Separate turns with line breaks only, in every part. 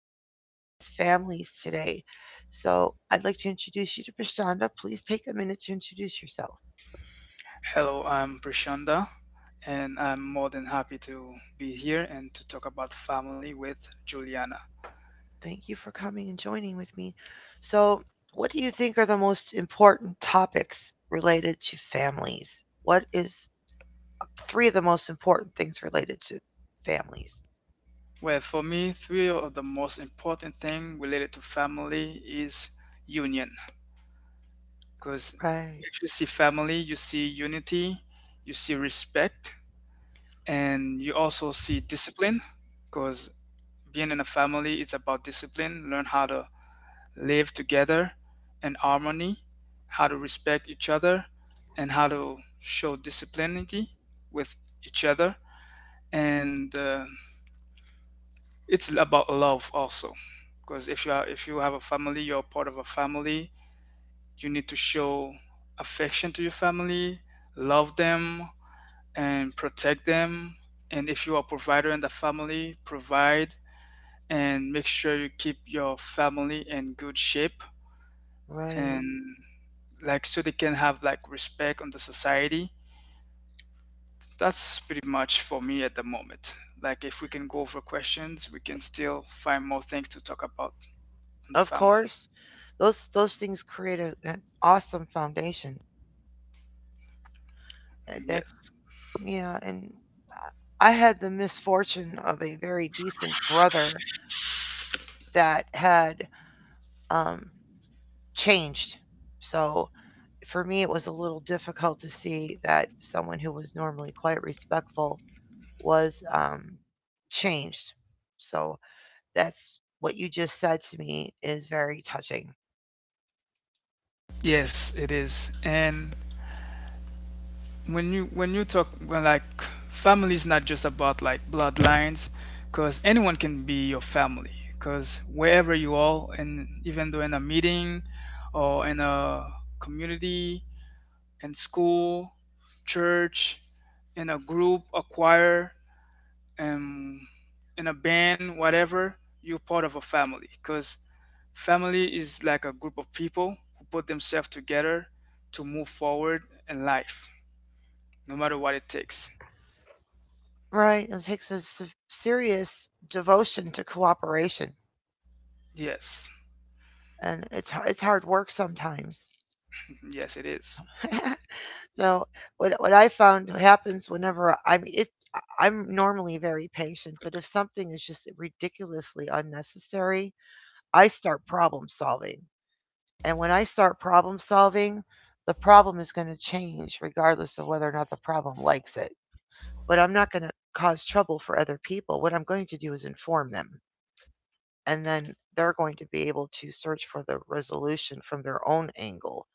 going to discuss families today. So I'd like to introduce you to Prashanda. Please take a minute to introduce yourself.
Hello, I'm Prashanda, and I'm more than happy to be here and to talk about family with Juliana.
Thank you for coming and joining with me. So, what do you think are the most important topics related to families? What is three of the most important things related to families?
Well, for me, three of the most important thing related to family is union. Because
Right,
if you see family, you see unity, you see respect, and you also see discipline. Because being in a family is about discipline, learn how to live together in harmony, how to respect each other, and how to show disciplinity with each other. And it's about love also, because if you have a family, you're part of a family. You need to show affection to your family, love them, and protect them. And if you are a provider in the family, provide and make sure you keep your family in good shape
right.
and like so they can have like respect on the society. That's pretty much for me at the moment. Like if we can go over questions, we can still find more things to talk about on the
Of
family.
course, those things create an awesome foundation. That
Yes,
yeah, and I had the misfortune of a very decent brother that had um, changed. So for me, it was a little difficult to see that someone who was normally quite respectful was changed. So that's what you just said to me is very touching.
yes, it is. And when you talk, well, like, family is not just about like bloodlines, because anyone can be your family, because wherever you are, and even though in a meeting or in a community, in school, church, in a group, a choir, um, in a band, whatever, you're part of a family, because family is like a group of people who put themselves together to move forward in life no matter what it takes.
Right? It takes a serious devotion to cooperation,
Yes.
and it's it's hard work sometimes.
Mhm. Yes, it is.
So what I found happens whenever I'm normally very patient, but if something is just ridiculously unnecessary, I start problem solving. And when I start problem solving, the problem is going to change regardless of whether or not the problem likes it. But I'm not going to cause trouble for other people. What I'm going to do is inform them. And then they're going to be able to search for the resolution from their own angle.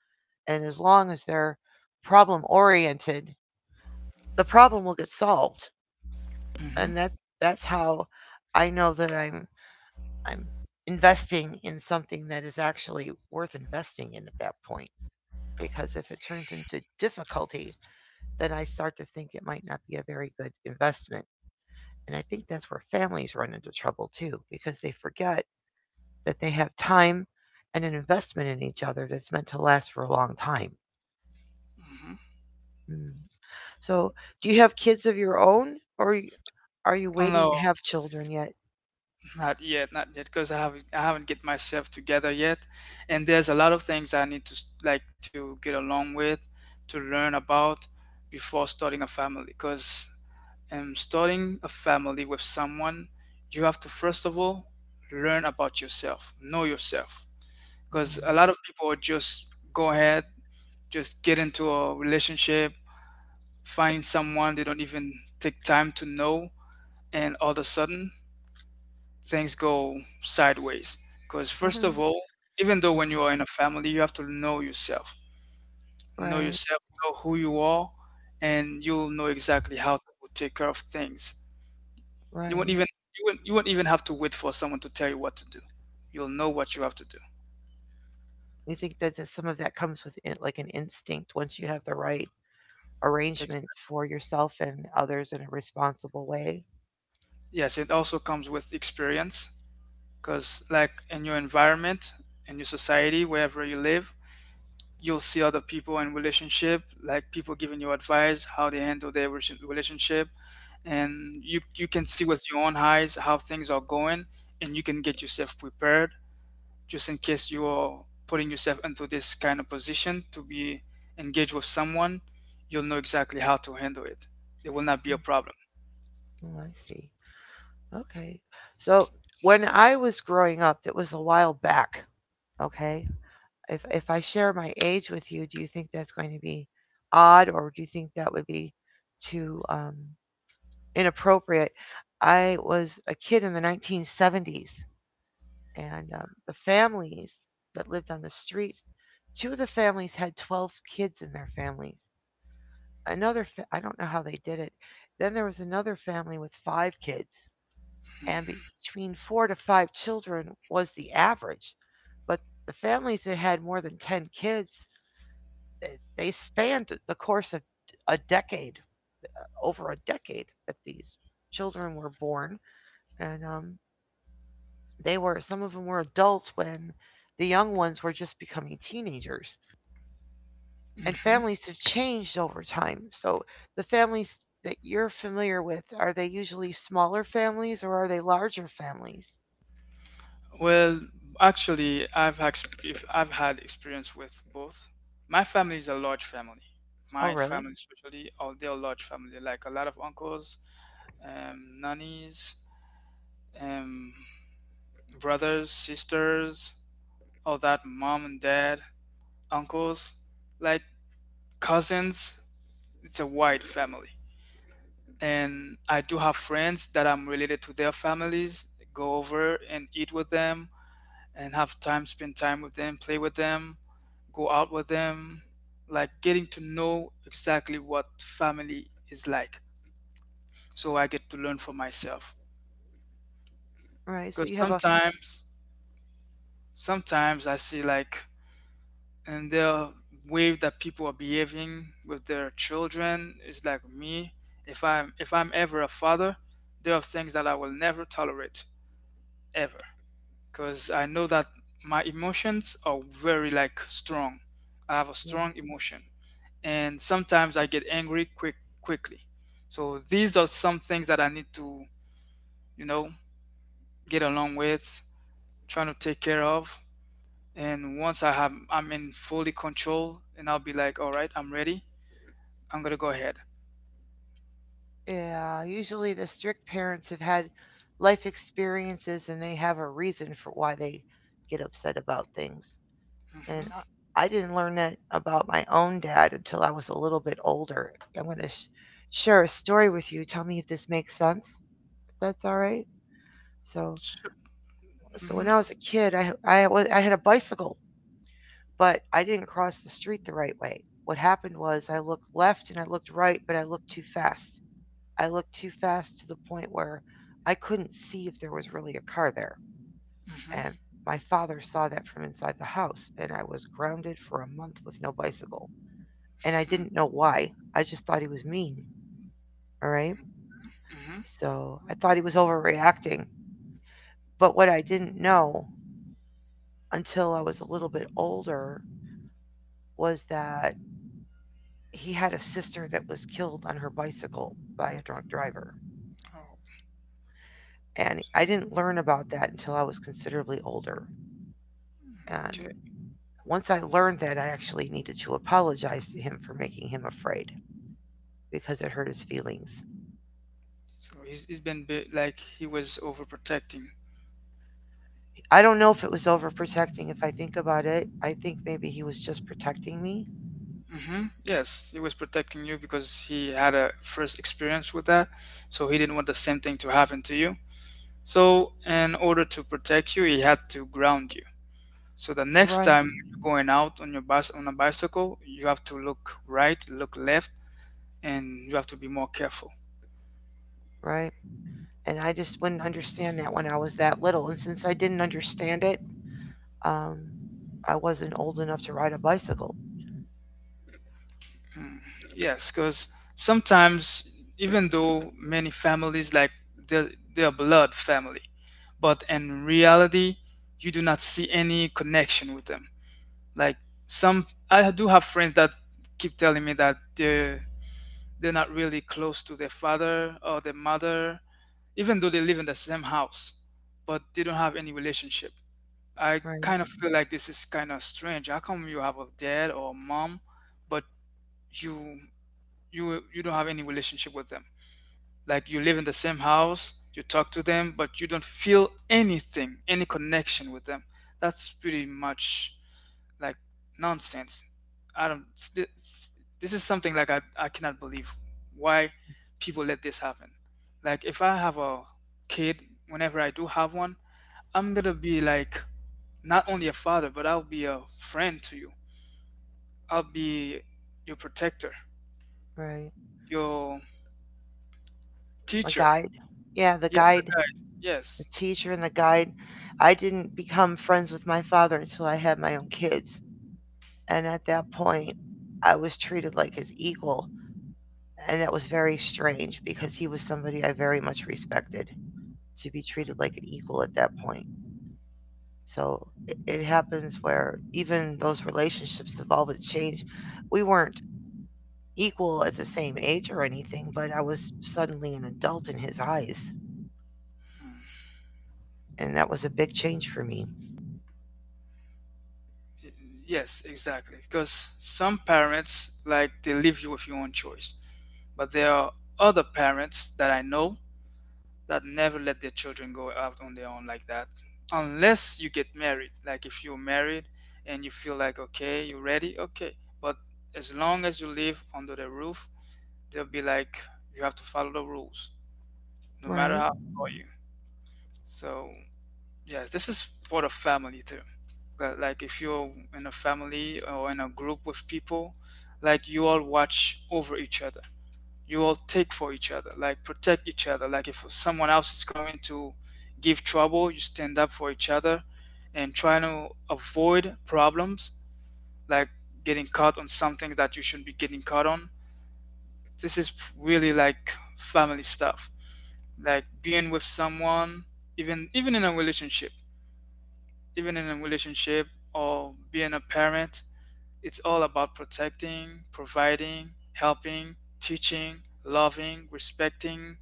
And as long as they're problem oriented, the problem will get solved,
Mm-hmm.
and that's how I know that I'm investing in something that is actually worth investing in at that point, because if it turns into difficulty, then I start to think it might not be a very good investment. And I think that's where families run into trouble too, because they forget that they have time and an investment in each other that's meant to last for a long time.
Mm-hmm.
Mm. So do you have kids of your own, or are you
Oh
waiting
no,
to have children yet?
not yet, not yet, because I haven't get myself together yet, and there's a lot of things I need to like to get along with, to learn about before starting a family. Because starting a family with someone, you have to first of all learn about yourself, know yourself, because
Mm,
a lot of people just go ahead, just get into a relationship, find someone they don't even take time to know, and all of a sudden things go sideways. Because, first of all, even though when you are in a family, you have to know yourself, know
right.
yourself, know who you are, and you'll know exactly how to take care of things. You won't
Right.
even you won't even have to wait for someone to tell you what to do. You'll know what you have to do.
You think that that some of that comes with in like an instinct once you have the right
Ex-
arrangement for yourself and others in a responsible way?
Yes, it also comes with experience because, like, in your environment, in your society, wherever you live, you'll see other people in relationship, like people giving you advice, how they handle their relationship, and you can see with your own eyes how things are going, and you can get yourself prepared just in case you are putting yourself into this kind of position to be engaged with someone. You'll know exactly how to handle it. It will not be a problem.
Oh, I see. Okay. So when I was growing up, it was a while back. Okay. If I share my age with you, do you think that's going to be odd, or do you think that would be too inappropriate? I was a kid in the 1970s. And the families that lived on the streets, two of the families had 12 kids in their families. Another, I don't know how they did it. Then there was another family with five kids, and between four to five children was the average. But the families that had more than 10 kids, they, they spanned the course of a decade, over a decade that these children were born. And they were, some of them were adults when the young ones were just becoming teenagers. And
Mm-hmm.
families have changed over time. So the families that you're familiar with, are they usually smaller families or are they larger families?
Well, actually, if I've had experience with both. My family is a large family.
Oh,
My
really?
family, especially, oh, they're a large family. Like a lot of uncles, nannies, um, brothers, sisters, all that. Mom and dad, uncles, like cousins. It's a wide family, and I do have friends that I'm related to their families. Go over and eat with them, and have time, spend time with them, play with them, go out with them, like getting to know exactly what family is like. So I get to learn for myself.
Right. So you
Because
have a
sometimes I see, like, and the way that people are behaving with their children is like me. If I'm ever a father, there are things that I will never tolerate ever. Because I know that my emotions are very like strong. I have a
yeah.
strong emotion. And sometimes I get angry quickly. So these are some things that I need to, you know, get along with, trying to take care of. And once I'm in fully control, and I'll be like, all right, I'm ready. I'm gonna go ahead.
Yeah, usually the strict parents have had life experiences, and they have a reason for why they get upset about things. And I
Mm-hmm.
I didn't learn that about my own dad until I was a little bit older. I'm going to share a story with you. Tell me if this makes sense. If that's all right. So,
Sure.
so,
Mm-hmm.
when I was a kid, I had a bicycle, but I didn't cross the street the right way. What happened was I looked left and I looked right, but I looked too fast. I looked too fast to the point where I couldn't see if there was really a car there.
Mm-hmm.
And my father saw that from inside the house, and I was grounded for a month with no bicycle. And I didn't know why. I just thought he was mean, all right?
Mm-hmm.
So I thought he was overreacting. But what I didn't know until I was a little bit older was that he had a sister that was killed on her bicycle by a drunk driver.
Oh,
And I didn't learn about that until I was considerably older. And
okay.
once I learned that, I actually needed to apologize to him for making him afraid because it hurt his feelings.
So he's been like he was overprotecting.
I don't know if it was overprotecting if I think about it. I think maybe he was just protecting me,
Mm-hmm. Yes, he was protecting you because he had a first experience with that, so he didn't want the same thing to happen to you. So, in order to protect you, it had to ground you. So the next time you're going out on your bus on a bicycle, you have to look right, look left, and you have to be more careful.
right? And I just wouldn't understand that when I was that little. And since I didn't understand it, um, I wasn't old enough to ride a bicycle.
Mm. Yes, because sometimes, even though many families, like, they're, they're blood family, but in reality, you do not see any connection with them. Like, some, I do have friends that keep telling me that they're not really close to their father or their mother, even though they live in the same house, but they don't have any relationship. I kind of feel like this is kind of strange. How come you have a dad or a mom, but you you don't have any relationship with them? Like, you live in the same house, you talk to them, but you don't feel anything, any connection with them. That's pretty much like nonsense. I don't s- This is something like I cannot believe why people let this happen. Like if I have a kid, whenever I do have one, I'm gonna be like, not only a father, but I'll be a friend to you, I'll be your protector,
Right.
your
A
teacher.
guide, yeah, the
Yes,
guide,
a guide,
the
yes.
teacher, and the guide. I didn't become friends with my father until I had my own kids, and at that point, I was treated like his equal, and that was very strange because he was somebody I very much to be treated like an equal at that point. So it happens where even those relationships evolve and change. We weren't equal at the same age or anything, but I was suddenly an adult in his eyes, and that was a big change for me.
Y- yes, exactly, because some parents, like, they leave you with your own choice, but there are other parents that I know that never let their children go out on their own like that unless you get married. Like, if you're married and you feel like, okay, you're ready, okay, but as long as you live under the roof, they'll be like, you have to follow the rules no matter
Right.
how old are you. So yes, this is for the family too. But, like, if you're in a family or in a group with people, like, you all watch over each other, you all take for each other, like protect each other. Like if someone else is coming to give trouble, you stand up for each other and try to avoid problems, like getting caught on something that you shouldn't be getting caught on. This is really like family stuff. Like being with someone, even even in a relationship, even in a relationship or being a parent, it's all about protecting, providing, helping, teaching, loving, respecting,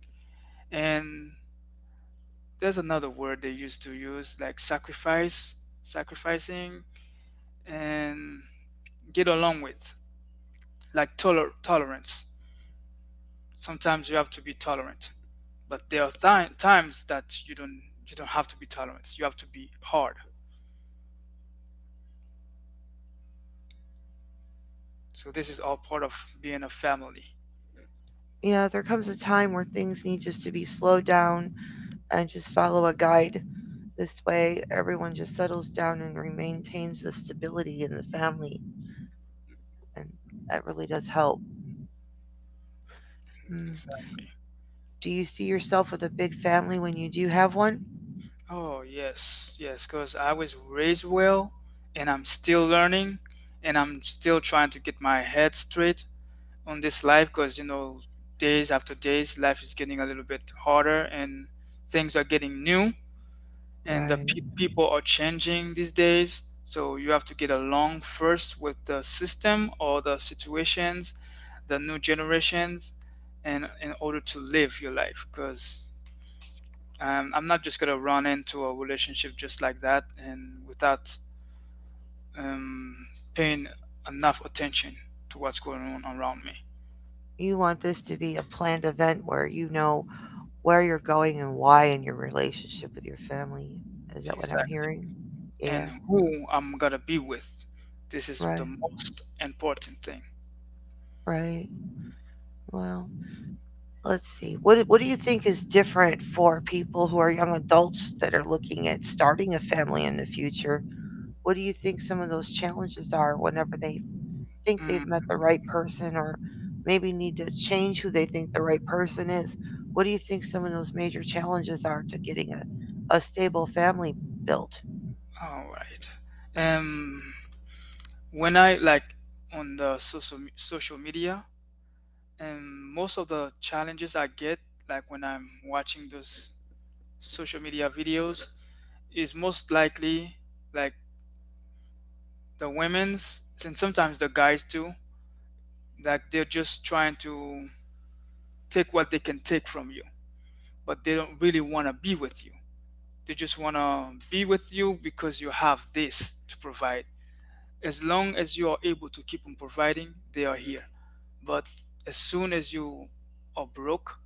and there's another word they used to use, like sacrifice sacrificing, and get along with, like tolerance. Sometimes you have to be tolerant, but there are times that you don't have to be tolerant, you have to be hard. So this is all part of being a family.
Yeah, there comes a time where things slow down and just follow a guide. This way, everyone just settles down and maintains the stability in the family, and that really does help. Mm.
Exactly.
Do you see yourself with a family when you do have one?
Oh yes, yes, because I was raised well, and I'm still learning, and I'm still trying to get my head straight on this life, because, days after days, life is getting a little bit harder, and things are getting new, and the
Right.
people are changing these days, so you have to get along first with the system or the situations, the new generations, and in order to live your life, because I'm not just going to run into a relationship just like that, and without um, paying enough attention to what's going on around me.
You want this to be a planned event where you know where you're going and why in your relationship, your family. Is that what I'm
Exactly.
hearing? Yeah.
And who I'm gonna be with. This is
Right,
the most important thing.
right. Well, let's see. What do you think is different for people who are young adults that are looking at starting a family in the future? What do you think some of those challenges are whenever they think they've met
Mm,
the right person, or maybe need to change who they think the right person is? What do you think some of those major challenges are to getting a stable family built?
all right. Um, when I, like, on the social social media, and most of the challenges I get, like when I'm watching those social media videos, is most likely, like, the women's and sometimes the guys too. Like they're just trying to take what they can take from you, but they don't really want to be with you. They just want to be with you because you have this to provide. As long as you are able to keep on providing, they are here. But as soon as you are broke,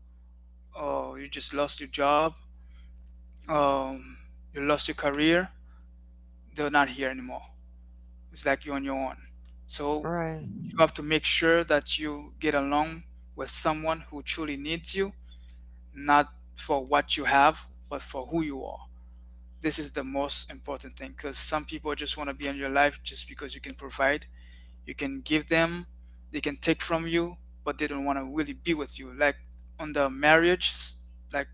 or you just lost your job, um, you lost your career, they're not here anymore. It's like you're on your own. So
Right,
you have to make sure that you get along with someone who truly needs you, not for what you have, but for who you are. This is the most important thing because some people just want to be in your life just because you can provide, you can give them, they can take from you, but they don't want to really be with you. Like on the marriage, like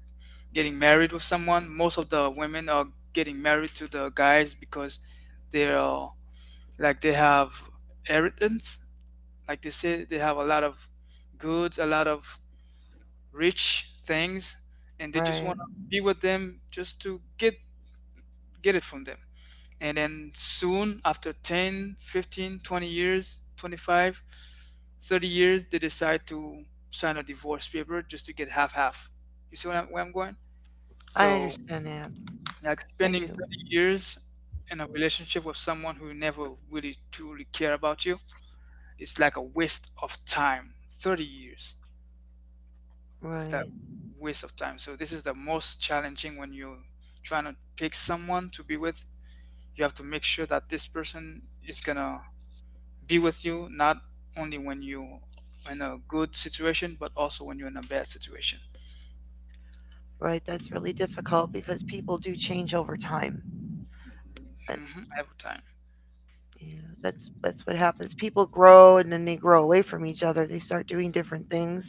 getting married with someone, most of the women are getting married to the guys because they're, like they have inheritance, like they say they have a lot of goods, a lot of rich things, and they just
right.
want to be with them just to get it from them. And then soon after 10, 15, 20 years, 25, 30 years, they decide to sign a divorce paper just to get half half. You see where I'm going.
I
So
understand that.
like
I do.
spending 30 years in a relationship with someone who never really truly care about you, it's like a waste of time, 30 years. It's that
Right,
waste of time. So this is the most challenging, when you're trying to pick someone to be with, you have to make sure that this person is gonna be with you not only when you in a good situation, but also when you're in a bad situation.
right. That's really difficult because they do change over time. Uh,
Every time.
Yeah, that's what happens. People grow and then they grow away from each other. They start doing different things.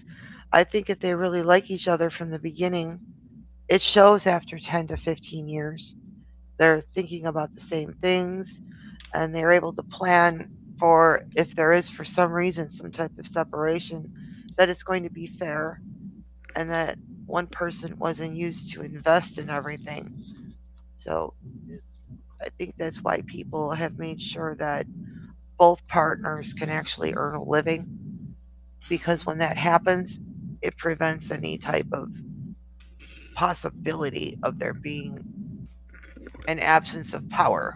I think if they really like each other from the beginning, it shows after 10 to 15 years. They're thinking about the same things, and they're able to plan for, if there is, for some reason, some type of separation, that it's going to be fair, and that one person wasn't used to invest in everything. So I think that's why people have made sure that both partners can actually earn a living, because when
hmm
that happens, it prevents any type of possibility of there being an absence of power.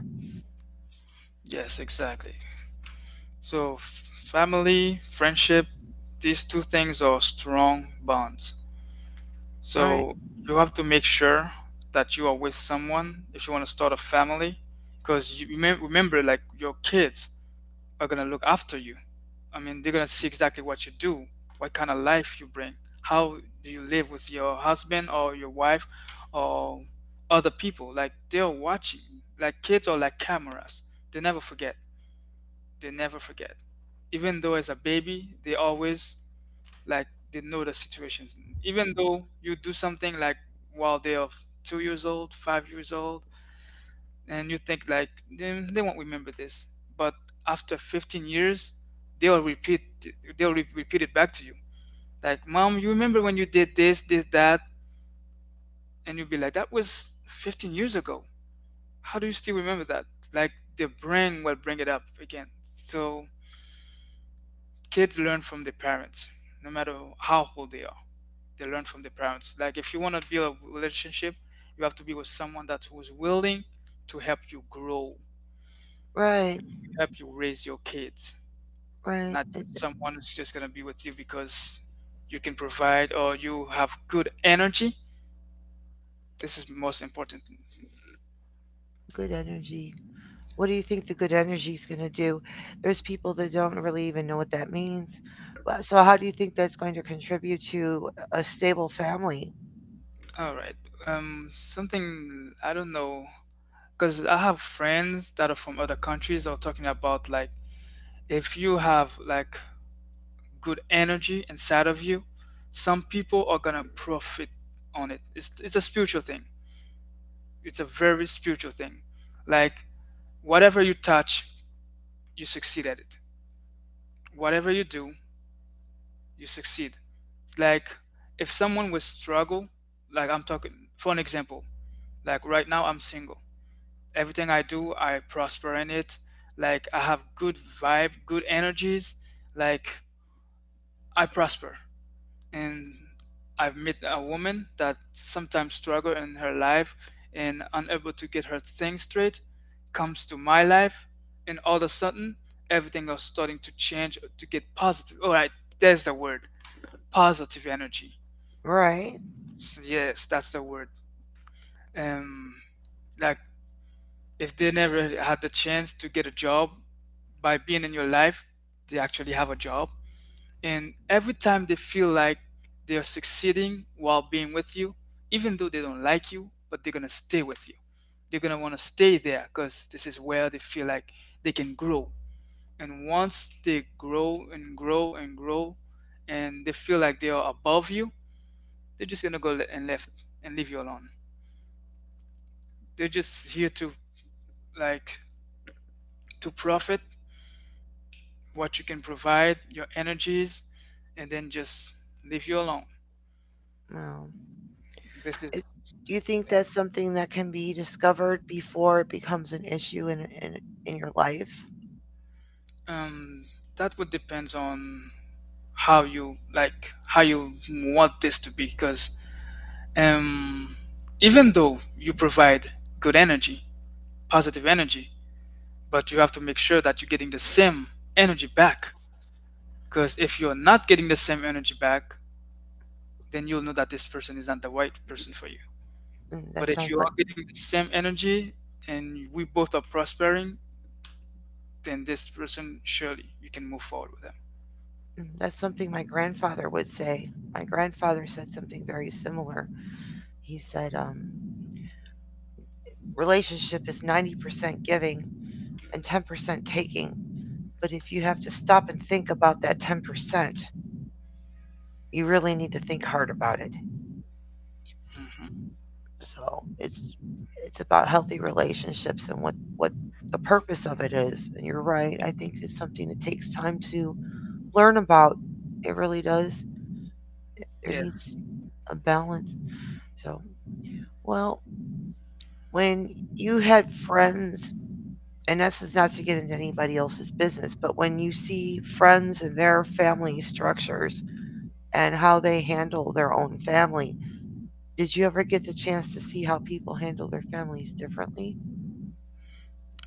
yes, exactly. So family, friendship, these two things are strong bonds.
Right,
So you have to make sure that you are with someone if you want to start a family, because you remember, like your kids are gonna look after you. I mean, they're gonna see exactly what you do, what kind of life you bring, how do you live with your husband or your wife or other people. Like they're watching, like kids or like cameras. They never forget. They never forget. Even though as a baby, they always, like they know the situations. Even though you do something like while they are 2 years old, 5 years old, and you think like they won't remember this, but after 15 years they'll repeat, they'll repeat it back to you, like, mom, you remember when you did this, did that? And you'll be like, that was 15 years ago, how do you still remember that? Like, the brain will bring it up again. So kids learn from their parents, no matter how old they are. They learn from their parents. Like if you want to build a relationship, you have to be with someone that who's willing to help you grow,
right,
help you raise your kids,
right.
not just someone who's just going to be with you because you can provide or you have good energy. This is most important.
Good energy. What do you think the good energy is going to do? There's people that don't really even know what that means. Well, so, how do you think that's going to contribute to a stable family?
All right. Something I don't know, because I have friends that are from other countries. They're talking about like, if you have like good energy inside of you, some people are gonna profit on it. It's a spiritual thing. It's a very spiritual thing. Like whatever you touch, you succeed at it. Whatever you do, you succeed. Like if someone would struggle, like I'm talking for an example, like right now I'm single, everything I do I prosper in it. Like I have good vibe, good energies, like I prosper. And I've met a woman that sometimes struggle in her life and unable to get her things straight, comes to my life, and all of a sudden everything is starting to change, to get positive. All right, there's the word, positive energy.
Right.
Yes, that's the word. Um, like if they never had the chance to get a job, by being in your life, they actually have a job. And every time they feel like they are succeeding while being with you, even though they don't like you, but they're gonna stay with you. They're gonna want to stay there, because this is where they feel like they can grow. And once they grow and grow and grow, and they feel like they are above you, they're just gonna go le- and left and leave you alone. They're just here to, like, to profit what you can provide, your energies, and then just leave you alone.
Well,
This is,
do you think that's something that can be discovered before it becomes an issue in in your life?
um that would depends on how you, like how you want this to be, because, um even though you provide good energy, positive energy, but you have to make sure that you're getting the same energy back. Because if you're not getting the same energy back, then you'll know that this person is not the right person for you.
Mm,
But
that
if
sounds
you
like
are getting the same energy and we both are prospering, then this person surely you can move forward with them.
mm, that's something my grandfather would say. My grandfather said something very similar. He said, relationship is 90% giving and 10% taking. But if you have to stop and think about that 10%, you really need to think hard about it.
hmm
So it's about healthy relations. The purpose of it is, and you're right, I think to learn about it really does. There needs
Yes,
a balance. So, well, when you had friends, and this is not to get into anybody else, but when you see friends and their family structures and how they handle their own family, did you ever get the chance to see how people handle their families differently?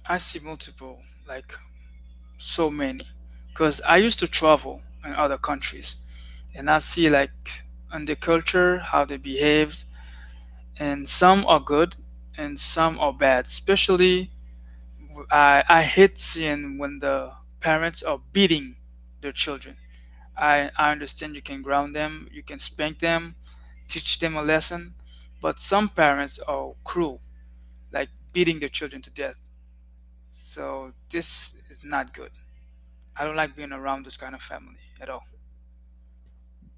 I see multiple, like so many, because I used to travel in other countries, and I see like on the culture how they behave, and some are good and some are bad. Especially, I hate seeing when the parents are beating their children. I understand you can ground them, you can spank them, teach them a lesson, but some parents are cruel, like beating their children to death. So this is not good. I don't like being around this kind of family at all.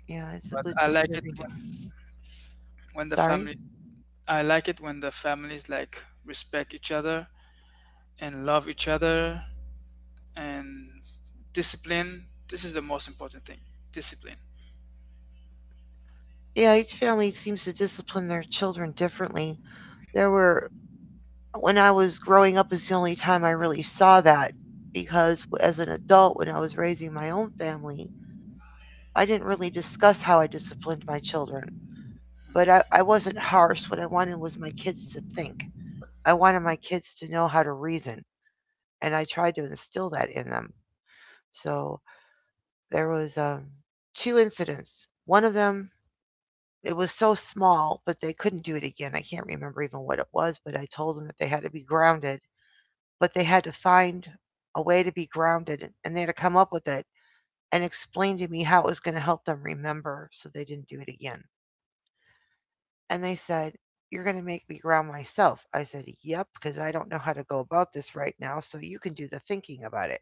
Yeah, it's a
But
bit
I like it
disturbing. To,
when the family I like it when the families like respect each other and love each other and discipline. This is the most important thing. Discipline.
yeah, each family seems to discipline their children differently. There were, when I was growing up, is the only time I really saw that because as an adult, when I was raising my own family, I didn't really discuss how I disciplined my children. But I wasn't harsh. What I wanted was I wanted my kids to know how to reason, and I tried to instill that in them. So there was two incidents. One of them, it was so small, but they couldn't do it again. I can't remember even what it was, but I told them that they had to be grounded, but they had to find a way to be grounded, and they had to come up with it and explain to me how it was going to help them remember so they didn't do it again. And they said, You're going to make me ground myself. I said, Yep, because I don't know how to go about this right now, so you can do the thinking about it.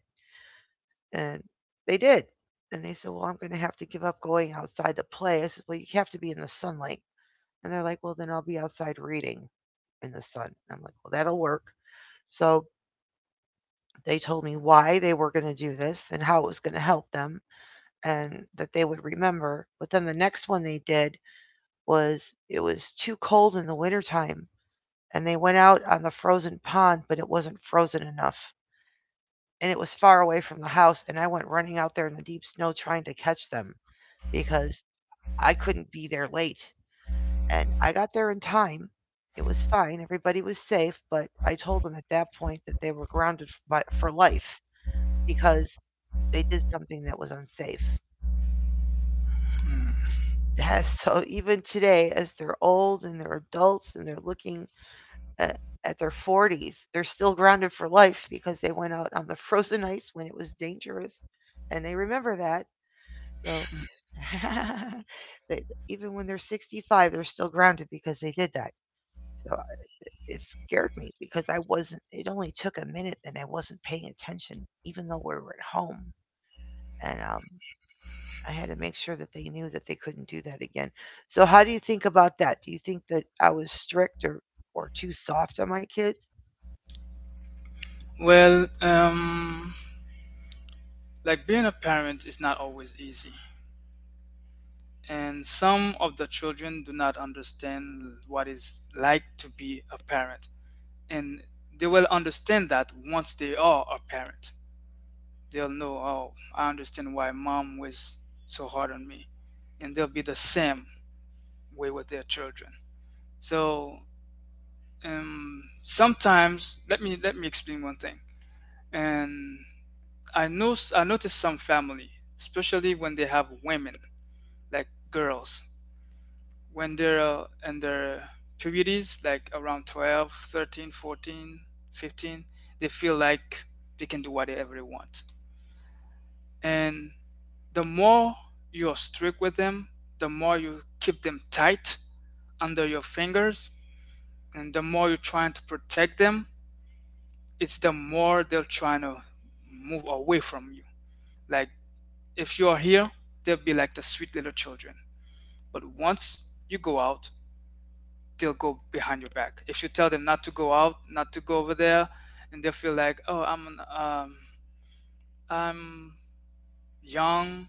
And they did. And they said, Well, I'm going to have to give up going outside to play. I said, Well, you have to be in the sunlight. And they're like, Well, then I'll be outside reading in the sun. I'm like, Well, that'll work. So they told me why they were going to do this and how it was going to help them and that they would remember. But then the next one they did was it was too cold in the wintertime. And they went out on the frozen pond, but it wasn't frozen enough. And it was far away from the house. And I went running out there in the deep snow trying to catch them because I couldn't be there late. And I got there in time. It was fine. Everybody was safe, but I told them at that point that they were grounded for life because they did something that was unsafe.
Mm.
So even today, as they're old and they're adults and they're looking at, at their 40s, they're still grounded for life because they went out on the frozen ice when it was dangerous and they remember that. So they, even when they're 65, they're still grounded because they did that. So it scared me because I wasn't. It only took a minute, and I wasn't paying attention, even though we were at home. And I had to make sure that they knew that they couldn't do that again. So, how do you think about that? Do you think that I was strict or too soft on my kids?
Well, like being a parent is not always easy. And some of the children do not understand what it's like to be a parent, and they will understand that once they are a parent. They'll know, oh, I understand why mom was so hard on me, and they'll be the same way with their children. So, sometimes, let me explain one thing. And I know, I notice some family, especially when they have women, like girls, when they're in their puberties, like around 12 13 14 15, they feel like they can do whatever they want. And the more you're strict with them, the more you keep them tight under your fingers, and the more you're trying to protect them, it's the more they're trying to move away from you. Like if you're here, they'll be like the sweet little children, but once you go out, they'll go behind your back. If you tell them not to go out, not to go over there, and they'll feel like, oh, I'm, um, I'm young,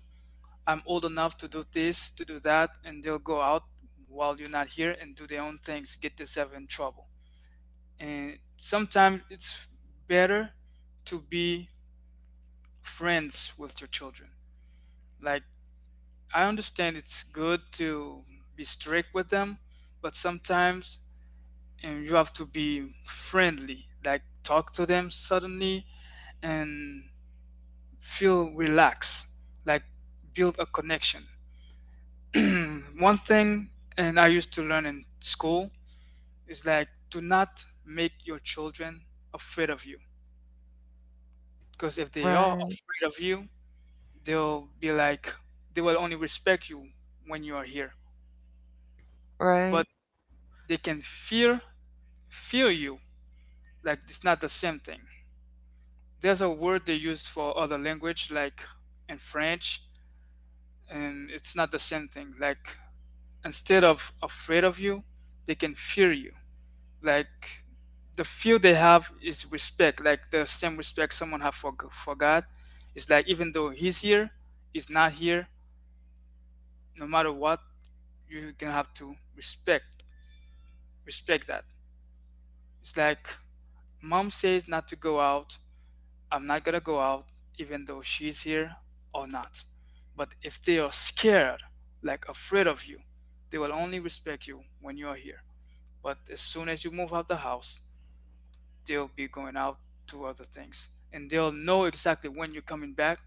I'm old enough to do this, to do that, and they'll go out while you're not here and do their own things, get themselves in trouble. And sometimes it's better to be friends with your children. Like I understand it's good to be strict with them, but sometimes, and you have to be friendly, like talk to them suddenly and feel relaxed, like build a connection. One thing, and I used to learn in school, is, like, do not make your children afraid of you, because if they are
Right,
afraid of you, they'll be like, they will only respect you when you are here.
right,
But they can fear you. Like it's not the same thing. There's a word they used for other language, like in French, and it's not the same thing. Like instead of afraid of you, they can fear you. Like the fear they have is respect, like the same respect someone have for God. It's like even though He's here, He's not here. No matter what, you gonna have to respect that. It's like, mom says not to go out, I'm not gonna go out even though she's here or not. But if they are scared, like afraid of you, they will only respect you when you are here. But as soon as you move out the house, they'll be going out to other things. And they'll know exactly when you're coming back.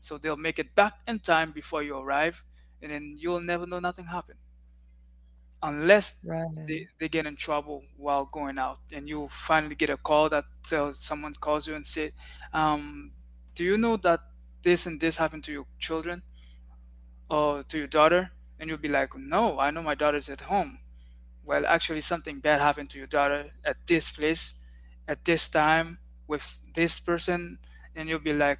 So they'll make it back in time before you arrive. And then you'll never know nothing happened, unless
right,
they get in trouble while going out, and you finally get a call that tells, someone calls you and say, um, do you know that this and this happened to your children or to your daughter? And you'll be like, no, I know my daughter's at home. Well, actually something bad happened to your daughter at this place, at this time, with this person. And you'll be like,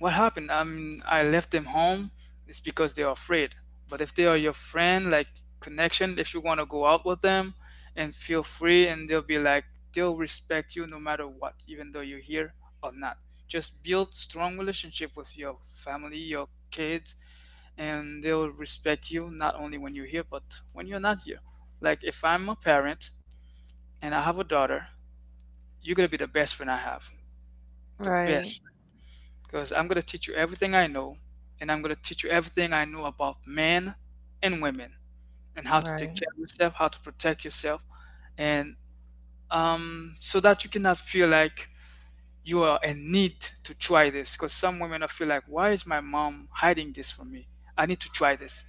what happened? I mean, I left them home. It's because they're afraid. But if they are your friend, like connection, if you want to go out with them and feel free, and they'll be like, they'll respect you no matter what, even though you're here or not. Just build strong relationship with your family, your kids, and they'll respect you not only when you're here, but when you're not here. Like if I'm a parent and I have a daughter, you're gonna be the best friend I have. The
right,
best, because I'm going to teach you everything I know, and I'm going to teach you everything I know about men and women and how to take care of yourself, how to protect yourself, and, so that you cannot feel like you are in need to try this. Because some women are feel like, why is my mom hiding this from me? I need to try this,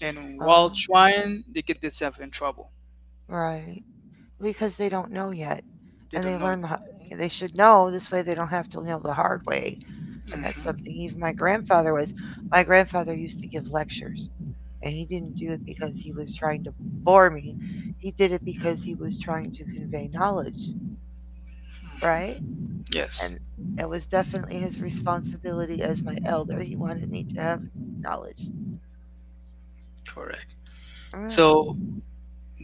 and
uh,
while trying, they get themselves in trouble.
right. Because they don't know yet,
They
and
don't
they
know
learn.
yet. Yes.
They should know this way. They don't have to know the hard way, and that's
hmm
something even my grandfather was. My grandfather used to give lectures, And he didn't do it because he was trying to bore me. He did it because he was trying to convey knowledge, right? And
Yes.
that was definitely his responsibility as my elder. He wanted me to have knowledge.
Correct.
Yeah.
So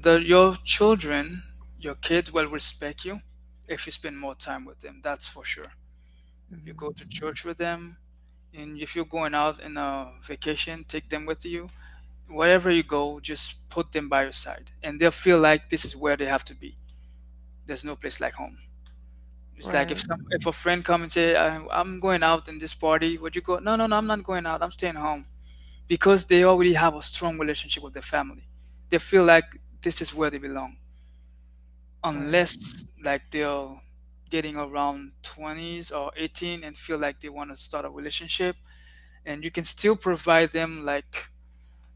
that your children, your kids will respect you if you spend more time with them. That's for sure. You go
Hmm.
to church with them, and if you're going out in a vacation, take them with you. Wherever you go, just put them by your side, and they'll feel like this is where they have to be. There's no place like home. It's like if
Right,
some if a friend come and say, "I'm going out in this party," would you go? No, no, no, I'm not going out. I'm staying home because they already have a strong relationship with their family. They feel like this is where they belong.
right,
Unless like they're getting around 20s or 18 and feel like they want to start a relationship, and you can still provide them like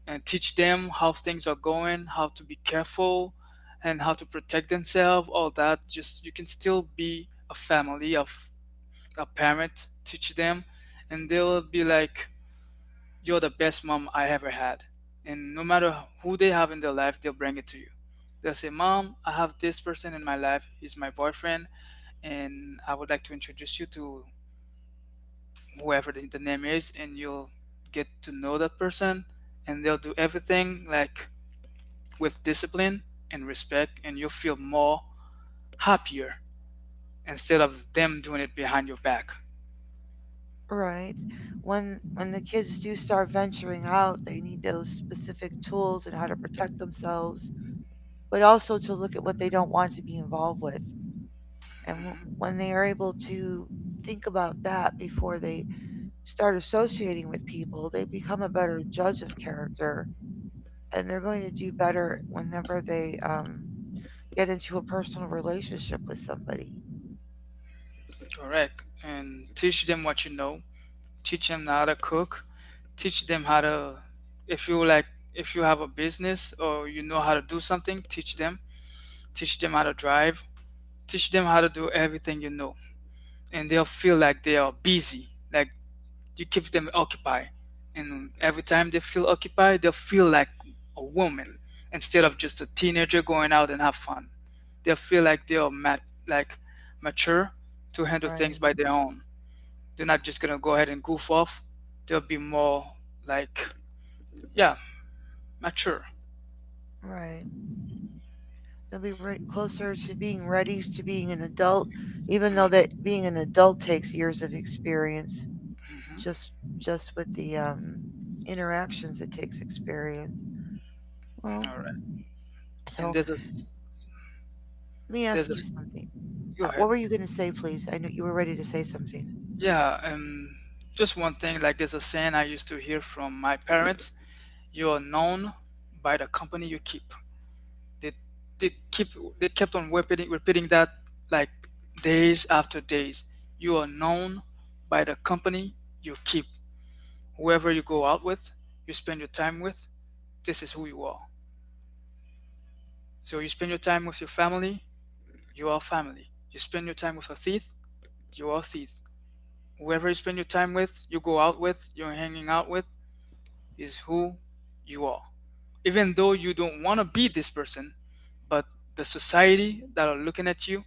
and teach them how things are going, how to be careful and how to protect themselves, all that. Just you can still be a family of a parent, teach them, and they'll be like, "You're the best mom I ever had." And no matter who they have in their life, they'll bring it to you. They'll say, "Mom, I have this person in my life, he's my boyfriend, and I would like to introduce you to whoever the name is," and you'll get to know that person, and they'll do everything like with discipline and respect, and you'll feel more happier instead of them doing it behind your back.
right. When the kids do start venturing out, they need those tools and how to protect themselves, but also to look at what they don't want to be involved with. And
Hmm
when they are able to think about that before they start associating people, they become a better judge of character and they're going to do better whenever they get into a personal relationship with somebody.
Correct. And teach them what you know. Teach them how to cook. Teach them how to, if you like, if you have a business or you know how to do something, teach them. Teach them how to drive. Teach them how to do everything you know, and they'll feel like they are busy, like you keep them occupied. And every time they feel occupied, they'll feel like a woman instead of just a teenager going out and have fun. They'll feel like they are like mature to handle things
Right,
by their own. They're not just gonna go ahead and goof off. They'll be more like, yeah, mature.
right. They'll be closer to being ready to being an adult, even though that being an adult takes years of experience
Mm-hmm.
just just with the interactions experience. Well,
All right. And
so
there's
let me ask
there's a.
you,
Go ahead.
what were you going to say, please? I know you were ready to.
Yeah. Just one thing, like there's a saying I used to hear from my parents. You are known by the company you keep. They they keep they kept on repeating that, like days after days. You are known by the company you keep. Whoever you go out with, you spend your time with, this is who you are. So you spend your time with your family, you are family. You spend your time with a thief, you are a thief. Whoever you spend your time with, you go out with, you're hanging out with, is who you are. Even though you don't want to be this person, but the society that are looking at you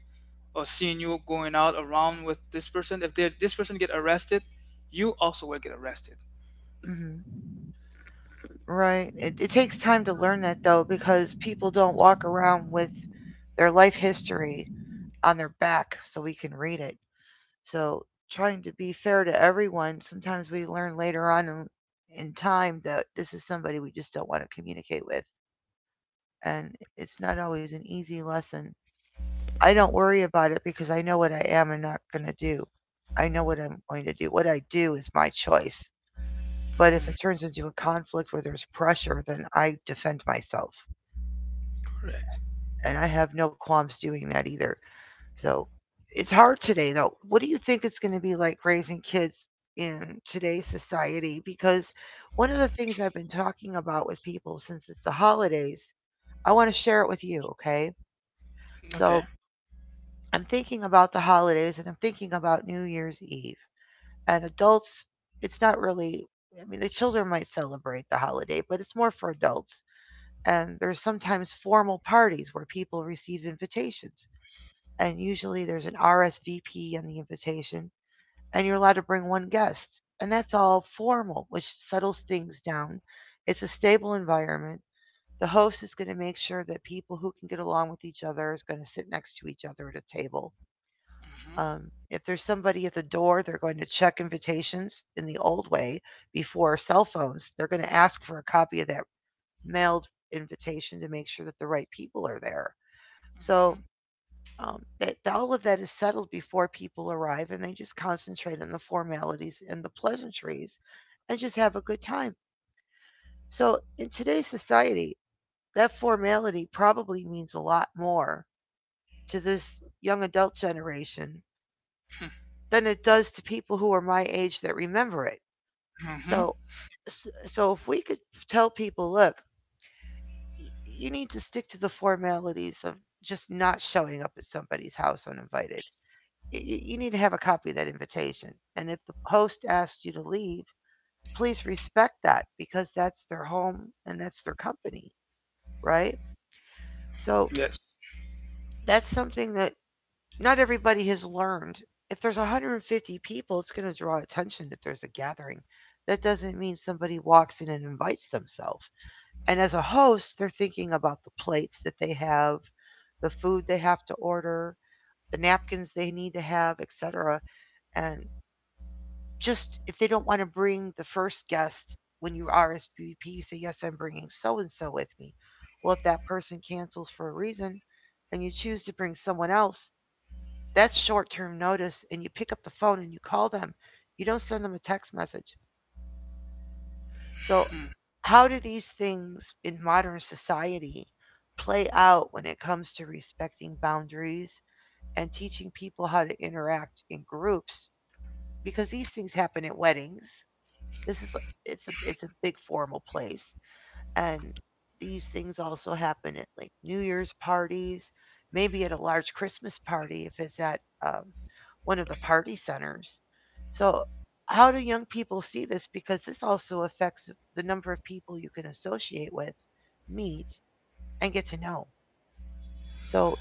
or seeing you going out around with this person, if they this person get arrested, you also will get arrested.
Hmm. Right. It takes time to learn that though, because people don't walk around with their life history on their back so we can read it. So trying to be fair to everyone, sometimes we learn later on in time that this is somebody we just don't want to communicate with. And it's not always an easy lesson. I don't worry about it because I know what I am and not going to do. I know what I'm going to do. What I do is my choice. But if it turns into a conflict where there's pressure, then I defend myself.
Correct.
And I have no qualms doing that either. So it's hard today, though. What do you think it's going to be like raising kids in today's society? Because one of the things I've been talking about with people since it's the holidays, I want to share it with you, okay? So
Okay.
I'm thinking about the holidays and I'm thinking about New Year's Eve. And adults, it's not really, I mean, the children might celebrate the holiday, but it's more for adults. And there's sometimes formal parties where people receive invitations. And usually there's an RSVP on the invitation and you're allowed to bring one guest. And that's all formal, which settles things down. It's a stable environment. The host is going to make sure that people who can get along with each other is going to sit next to each other at a table.
hmm
Um, if there's somebody at the door, they're going to check invitations in the old way before cell phones. They're going to ask for a copy of that mailed invitation to make sure that the right people are there. So
hmm
that that all of that is settled before people arrive, and they just concentrate on the formalities and the pleasantries, and just have a good time. So in today's society, that formality probably means a lot more to this young adult generation
hmm
than it does to people who are my age that remember it.
Mhm.
So s- so if we could tell people, look, you need to stick to the formalities of just not showing up at somebody's house uninvited. You need to have a copy of that invitation. And if the host asks you to leave, please respect that because that's their home and that's their company, right? So
Yes.
that's something that not everybody has learned. If there's 150 people, it's going to draw attention if there's a gathering. That doesn't mean somebody walks in and invites themselves. And as a host, they're thinking about the plates that they have, the food they have to order, the napkins they need to have, etc. And just if they don't want to bring the first guest when you RSVP, you say, Yes, I'm bringing so and so with me. Well, if that person cancels for a reason and you choose to bring someone else, that's short term notice. And you pick up the phone and you call them, you don't send them a text message. So,
Hmm.
how do these things in modern society play out when it comes to respecting boundaries and teaching people how to interact in groups? Because these things happen at weddings. This is it's a big formal place, and these things also happen at like New Year's parties, maybe at a large Christmas party if it's at one of the party centers. So, how do young people see this? Because this also affects the number of people you can associate with, meet, and get to know. So,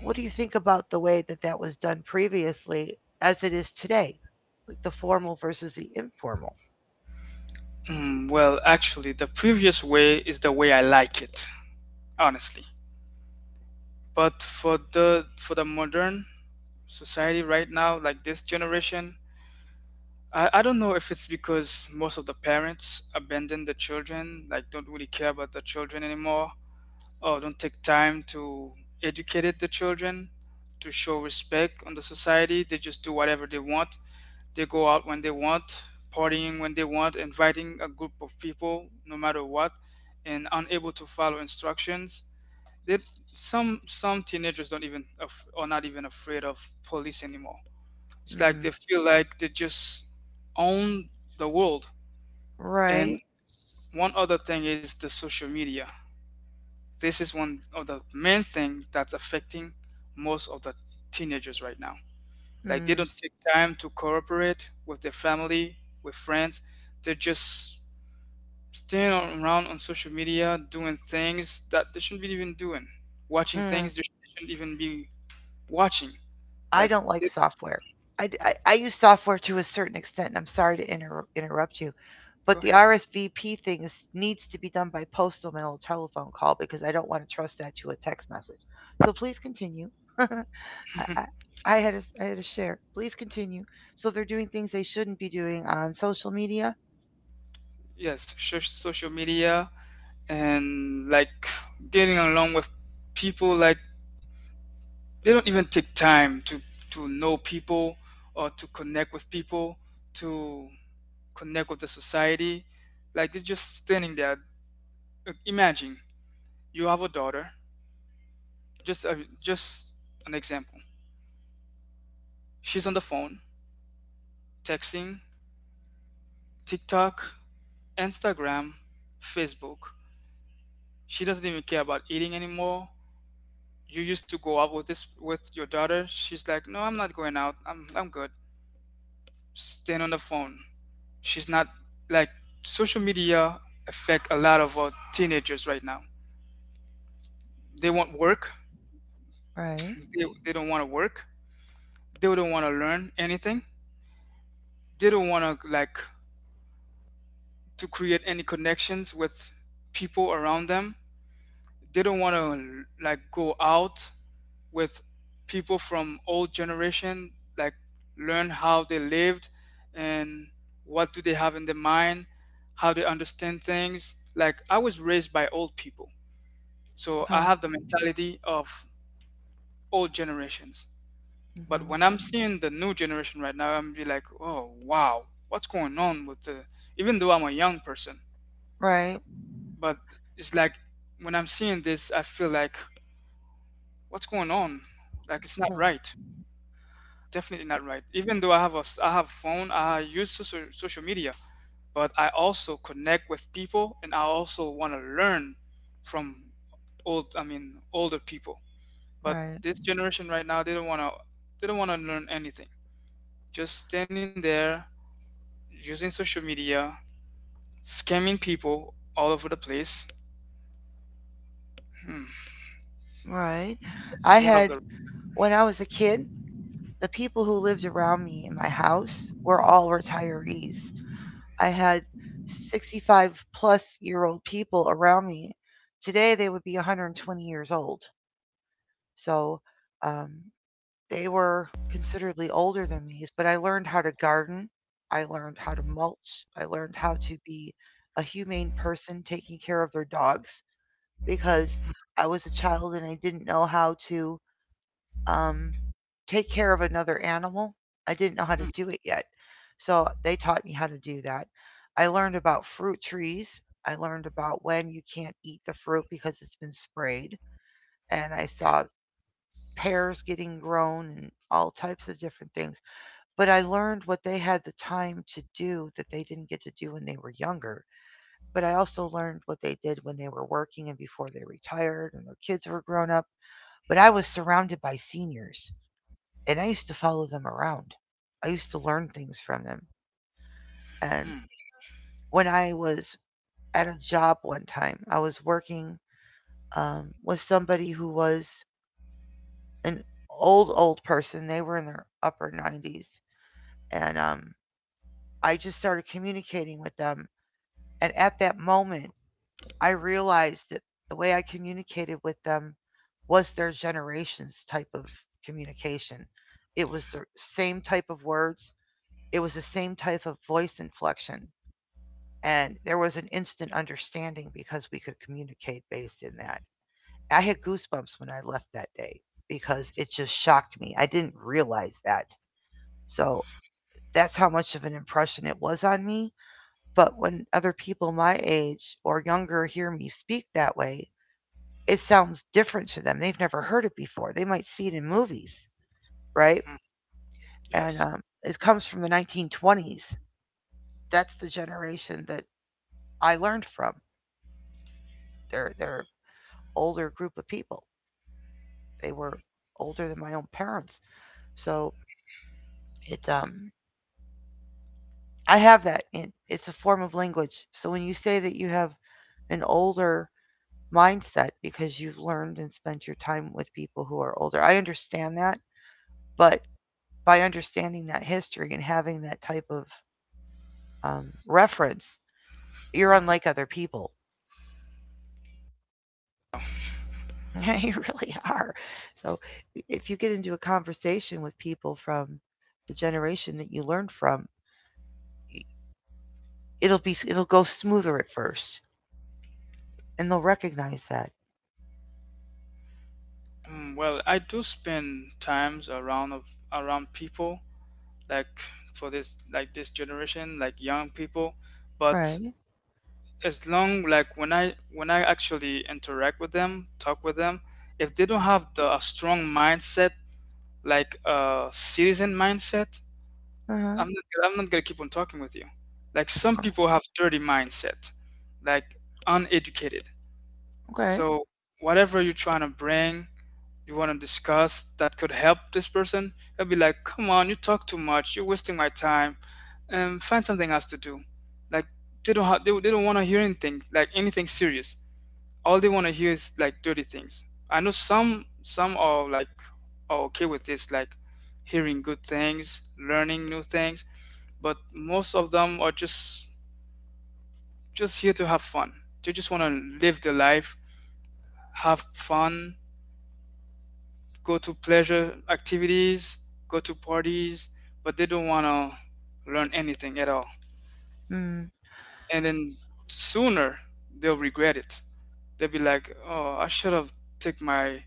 what do you think about the way that that was done previously as it is today? Like the formal versus the informal?
Mm, well, actually, the previous way is the way I like it, honestly. But for the modern society right now, like this generation, I don't know if it's because most of the parents abandon the children, like don't really care about the children anymore, or don't take time to the children, to show respect on the society. They just do whatever they want. They go out when they want, partying when they want, inviting a group of people no matter what, and unable to follow instructions. They, some teenagers don't even are not even afraid of police anymore. It's like
Mm,
they feel like they just own the world.
right.
And one other thing is the social media. This is one of the main thing that's affecting most of the teenagers right now. Like they don't take time to cooperate with their family, with friends. They're just around on social media doing things that they shouldn't be even doing, watching things they shouldn't even be watching.
I
Like,
don't like
they,
software. I use software to a certain extent, and I'm sorry to interrupt you,
go
but the
ahead.
RSVP thing is, needs to be done by postal mail or telephone call because I don't want to trust that to a text message. So please continue. I, I, I had a share. Please continue. So they're doing things they shouldn't be doing on social media.
Yes, social media and like getting along with people, like they don't even take time to know people or to connect with people, to connect with the society, like they're just standing there. Imagine you have a daughter, just a, just an example. She's on the phone, texting, TikTok, Instagram, Facebook. She doesn't even care about eating anymore. You used to go out with this with your daughter, she's like, "No, I'm not going out, I'm good," staying on the phone. She's not like, social media affect a lot of teenagers right now. They want work.
Right.
They don't want to work. They don't want to learn anything. They don't want to like to create any connections with people around them. Didn't want to like go out with people from old generation, like learn how they lived and what do they have in their mind, how they understand things. Like I was raised by old people, so I
Okay.
have the mentality of old generations. But
Hmm.
when I'm seeing the new generation right now, I'm be like, oh wow, what's going on with the, even though I'm a young person,
Right.
but it's like when I'm seeing this I feel like, what's going on? Like it's not
Hmm.
right. Definitely not right. Even though I have a I have phone, I use social media, but I also connect with people and I also want to learn from older people. But
Right.
this generation right now, they don't want to, they don't want to learn anything. Just standing there using social media, scamming people all over the place. Hmm.
Right.
This is
I
one of
had,
the
when I was a kid, the people who lived around me in my house were all retirees. I had 65 plus year old people around me. Today they would be 120 years old. So um, they were considerably older than me, but I learned how to garden. I learned how to mulch. I learned how to be a humane person taking care of their dogs because I was a child and I didn't know how to um, take care of another animal. I didn't know how
hmm,
to do it yet. So they taught me how to do that. I learned about fruit trees. I learned about when you can't eat the fruit because it's been sprayed. And I
okay.
saw pears getting grown and all types of different things. But I learned what they had the time to do that they didn't get to do when they were younger. But I also learned what they did when they were working and before they retired and their kids were grown up. But I was surrounded by seniors and I used to follow them around. I used to learn things from them. And
Hmm,
when I was at a job one time, I was working with somebody who was an old, old person. They were in their upper 90s. And I just started communicating with them. And at that moment, I realized that the way I communicated with them was their generation's type of communication. It was the same type of words, it was the same type of voice inflection. And there was an instant understanding because we could communicate based in that. I had goosebumps when I left that day because it just shocked me. I didn't realize that. So that's how much of an impression it was on me. But when other people my age or younger hear me speak that way, it sounds different to them. They've never heard it before. They might see it in movies, right?
hmm,
And
yes.
It comes from the 1920s. That's the generation that I learned from. They're older group of people. They were older than my own parents. So it I have that in it's a form of language. So when you say that you have an older mindset because you've learned and spent your time with people who are older, I understand that, but by understanding that history and having that type of reference, you're
Mm-hmm.
unlike other people. You really are. So if you get into a conversation with people from the generation that you learned from, it'll go smoother at first and they'll recognize that.
Mm, well, I do spend times around of around people like for this like this generation like young people. But
Right.
as long like when I actually interact with them, talk with them, if they don't have the a strong mindset, like a citizen mindset,
Uh-huh.
I'm not gonna keep on talking with you. Like some people have dirty mindset, like uneducated.
Okay.
So whatever you're trying to bring, you want to discuss that could help this person, they'll be like, "Come on, you talk too much. You're wasting my time." And find something else to do. Like, they don't want to hear anything, like anything serious. All they want to hear is like dirty things. I know some are like, are okay with this, like hearing good things, learning new things, but most of them are just here to have fun. They just want to live their life, have fun, go to pleasure activities, go to parties, but they don't want to learn anything at all.
Mm.
And then sooner they'll regret it. They'll be like, "Oh, I should have take my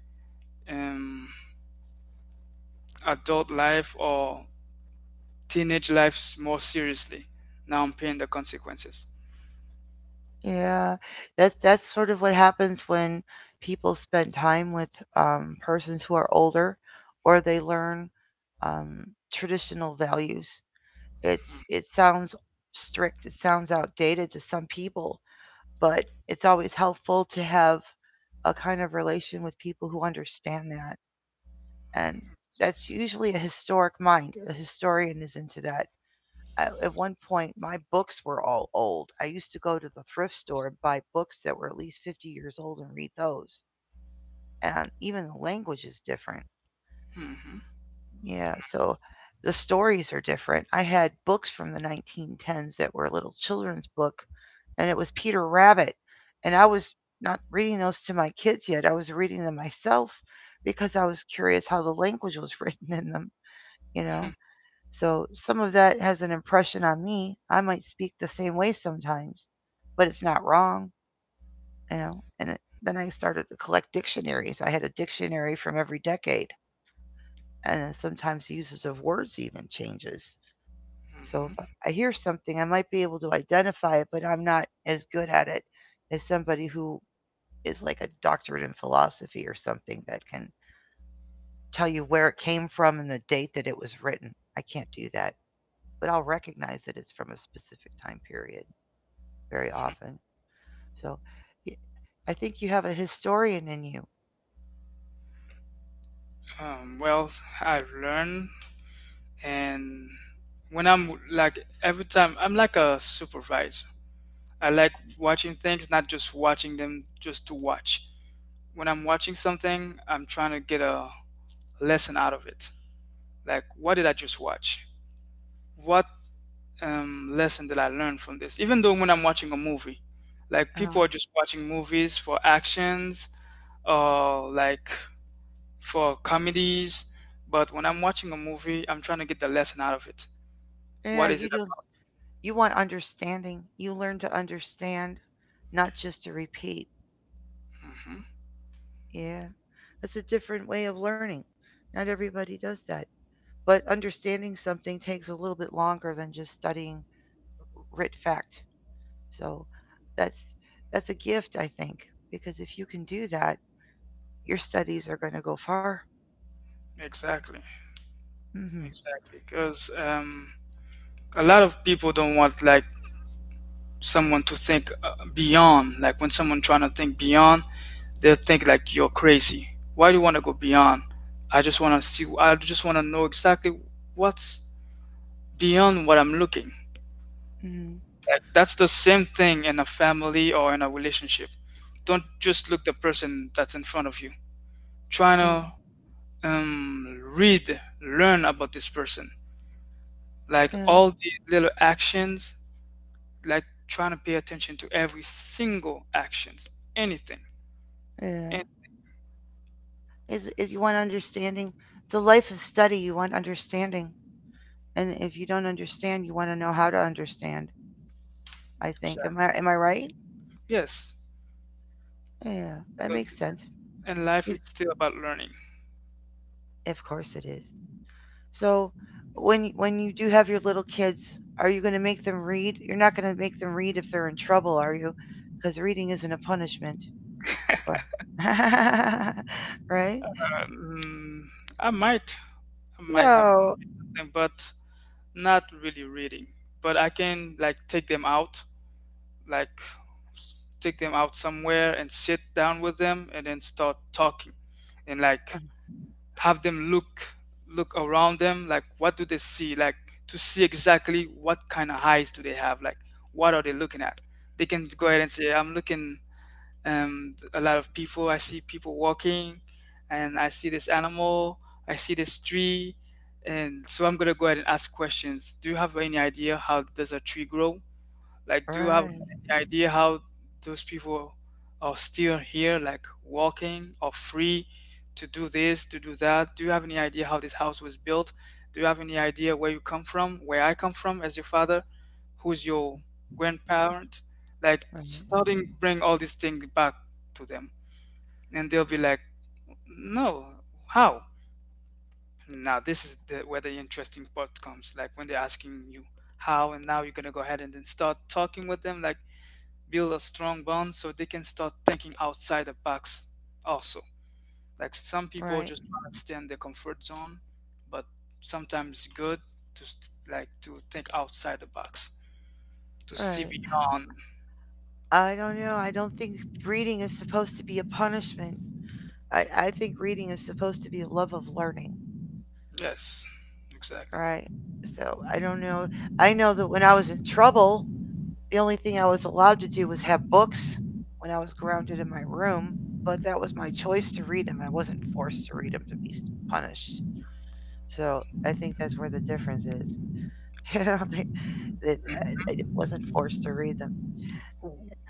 um, adult life or teenage life more seriously. Now I'm paying the consequences."
Yeah. That's sort of what happens when people spend time with persons who are older, or they learn um, traditional values. It sounds strict. It sounds outdated to some people, but it's always helpful to have a kind of relation with people who understand that, and that's usually a historic mind. A historian is into that at one point my books were all old. I used to go to the thrift store and buy books that were at least 50 years old and read those. And even the language is different.
hmm
Yeah, so the stories are different. I had books from the 1910s that were a little children's book, and it was Peter Rabbit. And I was not reading those to my kids yet, I was reading them myself because I was curious how the language was written in them, you know? So some of that has an impression on me. I might speak the same way sometimes, but it's not wrong, you know. And it, then I started to collect dictionaries. I had a dictionary from every decade, and then sometimes the uses of words even changes. So if I hear something, I might be able to identify it, but I'm not as good at it as somebody who is like a doctorate in philosophy or something that can tell you where it came from and the date that it was written. I can't do that, but I'll recognize that it's from a specific time period very often. So I think you have a historian in you.
Well, I've learned, and when I'm like every time, I'm like a supervisor. I like watching things, not just watching them just to watch. When I'm watching something, I'm trying to get a lesson out of it. Like, what did I just watch? What lesson did I learn from this? Even though when I'm watching a movie, like
Uh,
people are just watching movies for actions or like for comedies. But when I'm watching a movie, I'm trying to get the lesson out of it.
yeah,
What is it
you want understanding. You learn to understand, not just to repeat.
about? Hmm
Yeah, that's a different way of learning. Not everybody does that. But understanding something takes a little bit longer than just studying writ fact. So that's that's a gift, I think, because if you can do that, your studies are going to go far.
Exactly,
Hmm.
exactly. Because a lot of people don't want like someone to think beyond. Like when someone trying to think beyond, they'll think like you're crazy. Why do you want to go beyond? I just want to see. I just want to know exactly what's beyond what I'm looking.
Hmm.
Like that's the same thing in a family or in a relationship. Don't just look the person that's in front of you. Trying
Yeah.
to read, learn about this person. Like
Yeah,
all the little actions, like trying to pay attention to every single actions, anything.
yeah. Is you want understanding? The life of study, you want understanding, and if you don't understand, you want to know how to understand. I think.
Exactly.
Am I right?
Yes,
Yeah, that makes
because
sense.
in life it's still about learning.
Of course it is. So, when when you do have your little kids, are you going to make them read? You're not going to make them read if they're in trouble, are you? Because reading isn't a punishment, right?
Mm, I might, I might have
No.
read something, but not really reading. But I can like take them out, like take them out somewhere and sit down with them, and then start talking, and
Uh,
like have them look around them, like what do they see, like to see exactly what kind of eyes do they have, like what are they looking at. They can go
uh,
ahead and say, "I'm looking a lot of people. I see people walking, and I see this animal. I see this tree." And so I'm gonna go ahead and ask questions. Do you have any idea how does a tree grow? Like, do you have
right.
any idea how those people are still here, like walking or free to do this, to do that? Do you have any idea how this house was built? Do you have any idea where you come from, where I come from as your father, who's your grandparent? Like,
Right.
starting bring all these things back to them, and they'll be like, "No, how?" Now this is where the interesting part comes, like when they're asking you how, and now you're gonna go ahead and then start talking with them, like build a strong bond so they can start thinking outside the box also, like some people
Right.
just want to stay in their comfort zone, but sometimes it's good to like to think outside the box, to see
Right.
beyond.
I don't know. I don't think reading is supposed to be a punishment. I think reading is supposed to be a love of learning,
Yes, exactly.
right? So I don't know. I know that when I was in trouble, the only thing I was allowed to do was have books when I was grounded in my room, but that was my choice to read them. I wasn't forced to read them to be punished. So I think that's where the you know they, that I wasn't forced to read them.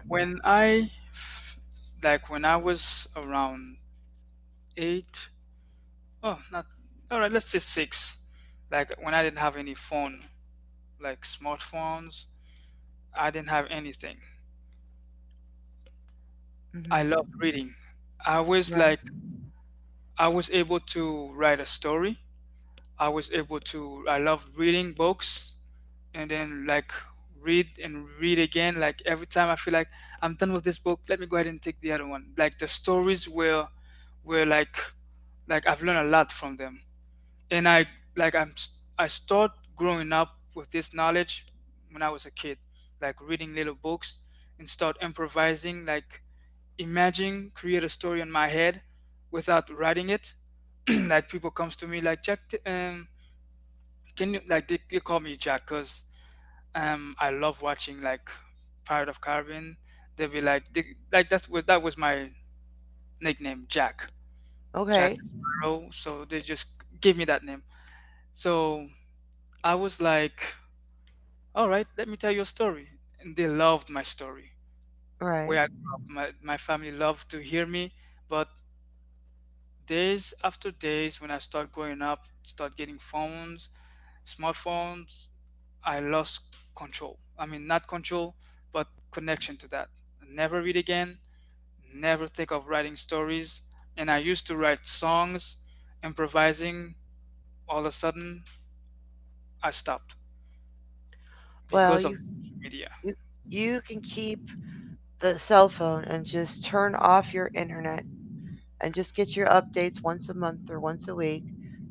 When i f- like when I was around eight — oh, not, all right, let's say six — like when I didn't have any phone, like smartphones, I didn't have anything. I
Hmm.
loved reading. I was
Right.
like, I was able to write a story. I was able to, I loved reading books and then like read and read again. Like every time I feel like I'm done with this book, let me go ahead and take the other one. Like the stories were like, I've learned a lot from them. And I, like I'm, s- I am I start growing up with this knowledge when I was a kid, like reading little books and start improvising. Like, imagine create a story in my head without writing it. Like people comes to me like Jack. T- um can you like they, they call me Jack, because I love watching like Pirate of Caribbean. They'll be like, like that was my nickname, Jack. Jack
Okay.
Sparrow, so they just gave me that name. So I was like, all right, let me tell you a story, and they loved my story.
Right.
Where I grew up, my family loved to hear me. But days after days, when I start growing up, start getting phones, smartphones, I lost control. I mean, not control, but connection to that. Never read again, never think of writing stories. And I used to write songs, improvising. All of a sudden, I stopped
Well,
because of social media.
you you can keep the cell phone and just turn off your internet and just get your updates once a month or once a week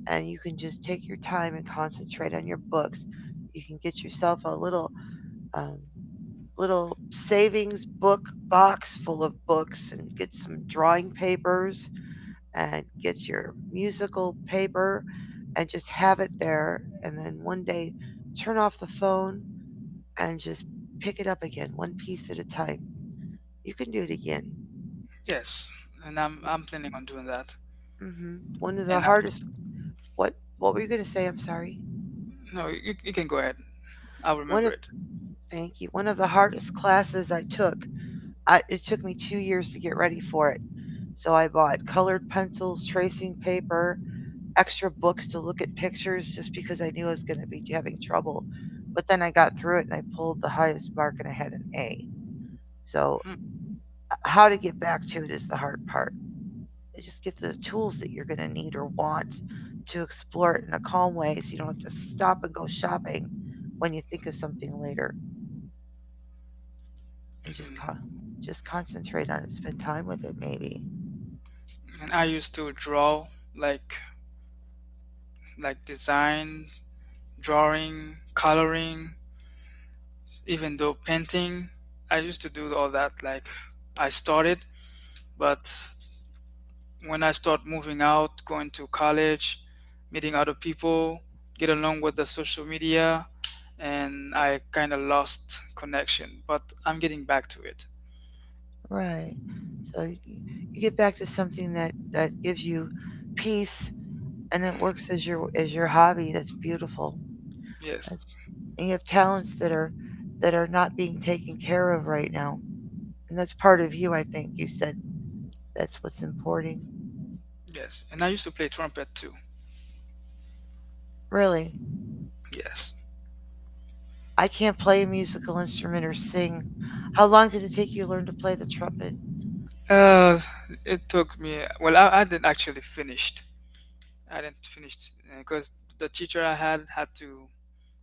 and you can just take your time and concentrate on your books. You can get yourself a little um, little savings book box full of books, drawing papers, and get your musical paper. Just have it there and then one day turn off the phone and just pick it up again one piece at a time. You can do it again.
Yes, and I'm planning on doing that.
Hmm. One of the
And I,
hardest. what what were you going to say, I'm sorry?
no, you can go ahead. I'll
One
remember
of
it.
thank you. One of the hardest classes I took. I, it took me 2 years to get ready for it. So I bought colored pencils, tracing paper, extra books to look at pictures, just because I knew I was going to be having trouble. But then I got through it and I pulled the highest mark and I had an A. So
Hmm.
how to get back to it is the hard part. You just get the tools that you're going to need or want to explore it in a calm way, so you don't have to stop and go shopping when you think of something later, and just concentrate on it. Spend time with it, maybe.
And I used to draw, like like design, drawing, coloring, even though painting. I used to do all that, like I started. But when I start moving out, going to college, meeting other people, get along with the social media, and I kind of lost connection. But I'm getting back to it.
Right. So you get back to something that gives you peace, and it works
Mhm.
as your hobby. That's beautiful.
Yes,
And you have talents that are not being taken care of right now, and that's part of you. I think that's what's important.
yes. And I used to play trumpet too.
Really,
Yes.
I can't play a musical instrument or sing. How long did it take you to learn to play the?
Uh, it took me, well, I didn't actually finish, I didn't finish because the teacher I had had to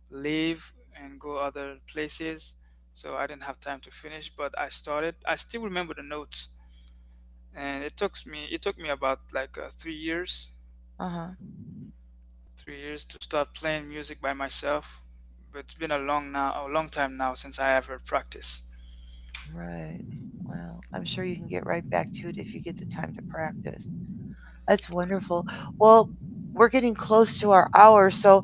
leave and go other places, so I didn't have time to finish. But I started. I still remember the notes, and it took me about like three years,
Tr- uh huh.
three years to start playing music by myself. But it's been a long time now since I ever practiced.
Right. I'm sure you can get right back to your practice. That's wonderful. Well, we're getting close to our hour, so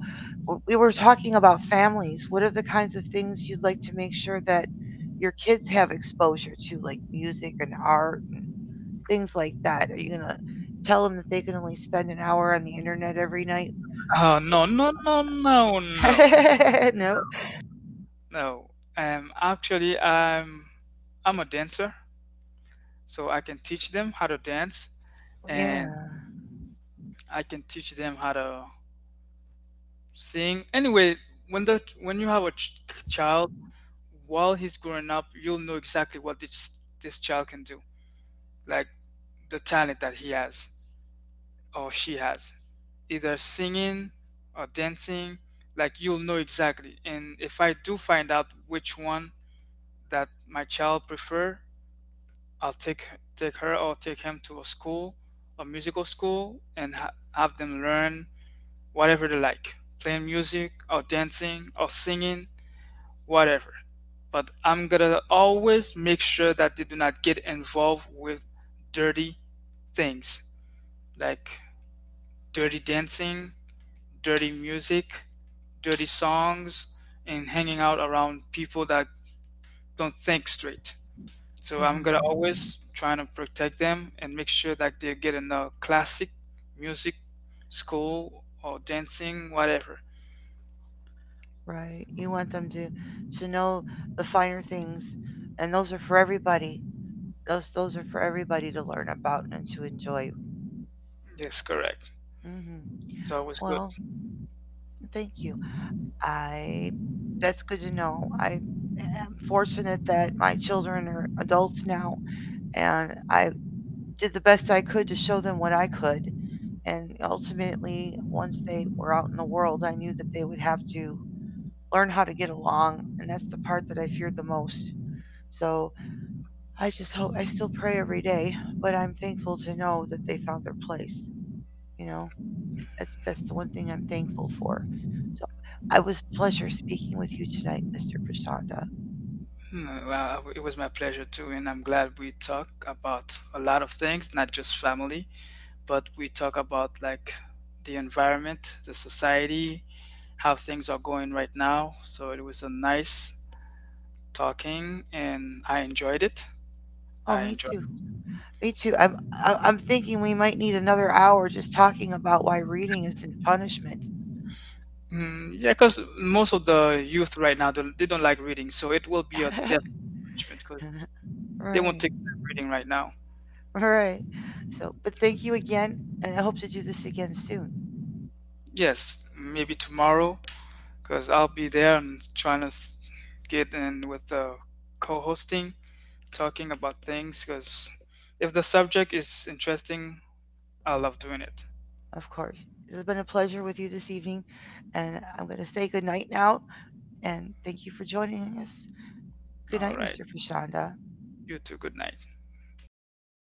we were talking about families. What are the kinds of things you'd like to make sure that your kids have exposure to music and art, things like that? Are you going to tell them that they can only spend an hour on the internet every night?
Oh, no, no, no, no, no,
No.
no. Actually, I'm a dancer, so I can teach them how to dance.
Yeah,
And I can teach them how to sing. Anyway, when the when you have a child, while he's growing up, you'll know exactly what this child can do, like the talent that he has or she has, either singing or dancing. Like, you'll know exactly. And if I do find out which one that my child prefer, I'll take her or take him to a school, a musical school, and have them learn whatever they like, playing music or dancing or singing, whatever. But I'm gonna always make sure that they do not get involved with dirty things, like dirty dancing, dirty music, dirty songs, and hanging out around people that don't think straight. So I'm
mm,
gonna always trying to protect them and make sure that they get in a classic music school or dancing, whatever.
right. You want them to know the finer things and those are for everybody. Those are for everybody to learn about and to enjoy.
Yes, correct.
Mhm.
So it was good.
Well, thank you. I that's good to know. I'm fortunate that my children are adults now, and I did the best I could to show them what I could. And ultimately, once they were out in the world, I knew that they would have to learn how to get along, and that's the part that I feared the most. So I just hope I still pray every day, but I'm thankful to know that they found their place. You know, that's the one thing I'm thankful for. So I pleasure speaking with you tonight, Mr. Prashanda.
Well, it was my pleasure too, and I'm glad we talk about a lot of things, not just family, but we talk about like the environment, the society, how things are going right now. So it was a nice talking, and I enjoyed it.
Oh,
I
me
enjoyed.
too. Me too. I'm thinking we might need another hour just talking about why reading isn't punishment.
It. Mm, yeah, because most of the youth right now, they don't like reading, so it will be a death punishment because they won't
Right.
take time reading right now.
Right. But thank you again, and I hope to do this soon,
Yes, maybe tomorrow, because I'll be there and trying to get in with the co-hosting, talking about things. Because if the subject is interesting, I love doing it.
of course. It's been a pleasure with you this evening, and I'm going to say good night now, and thank you for joining us. Good
All
night,
right,
Mr. Prashanda.
you too. Good night.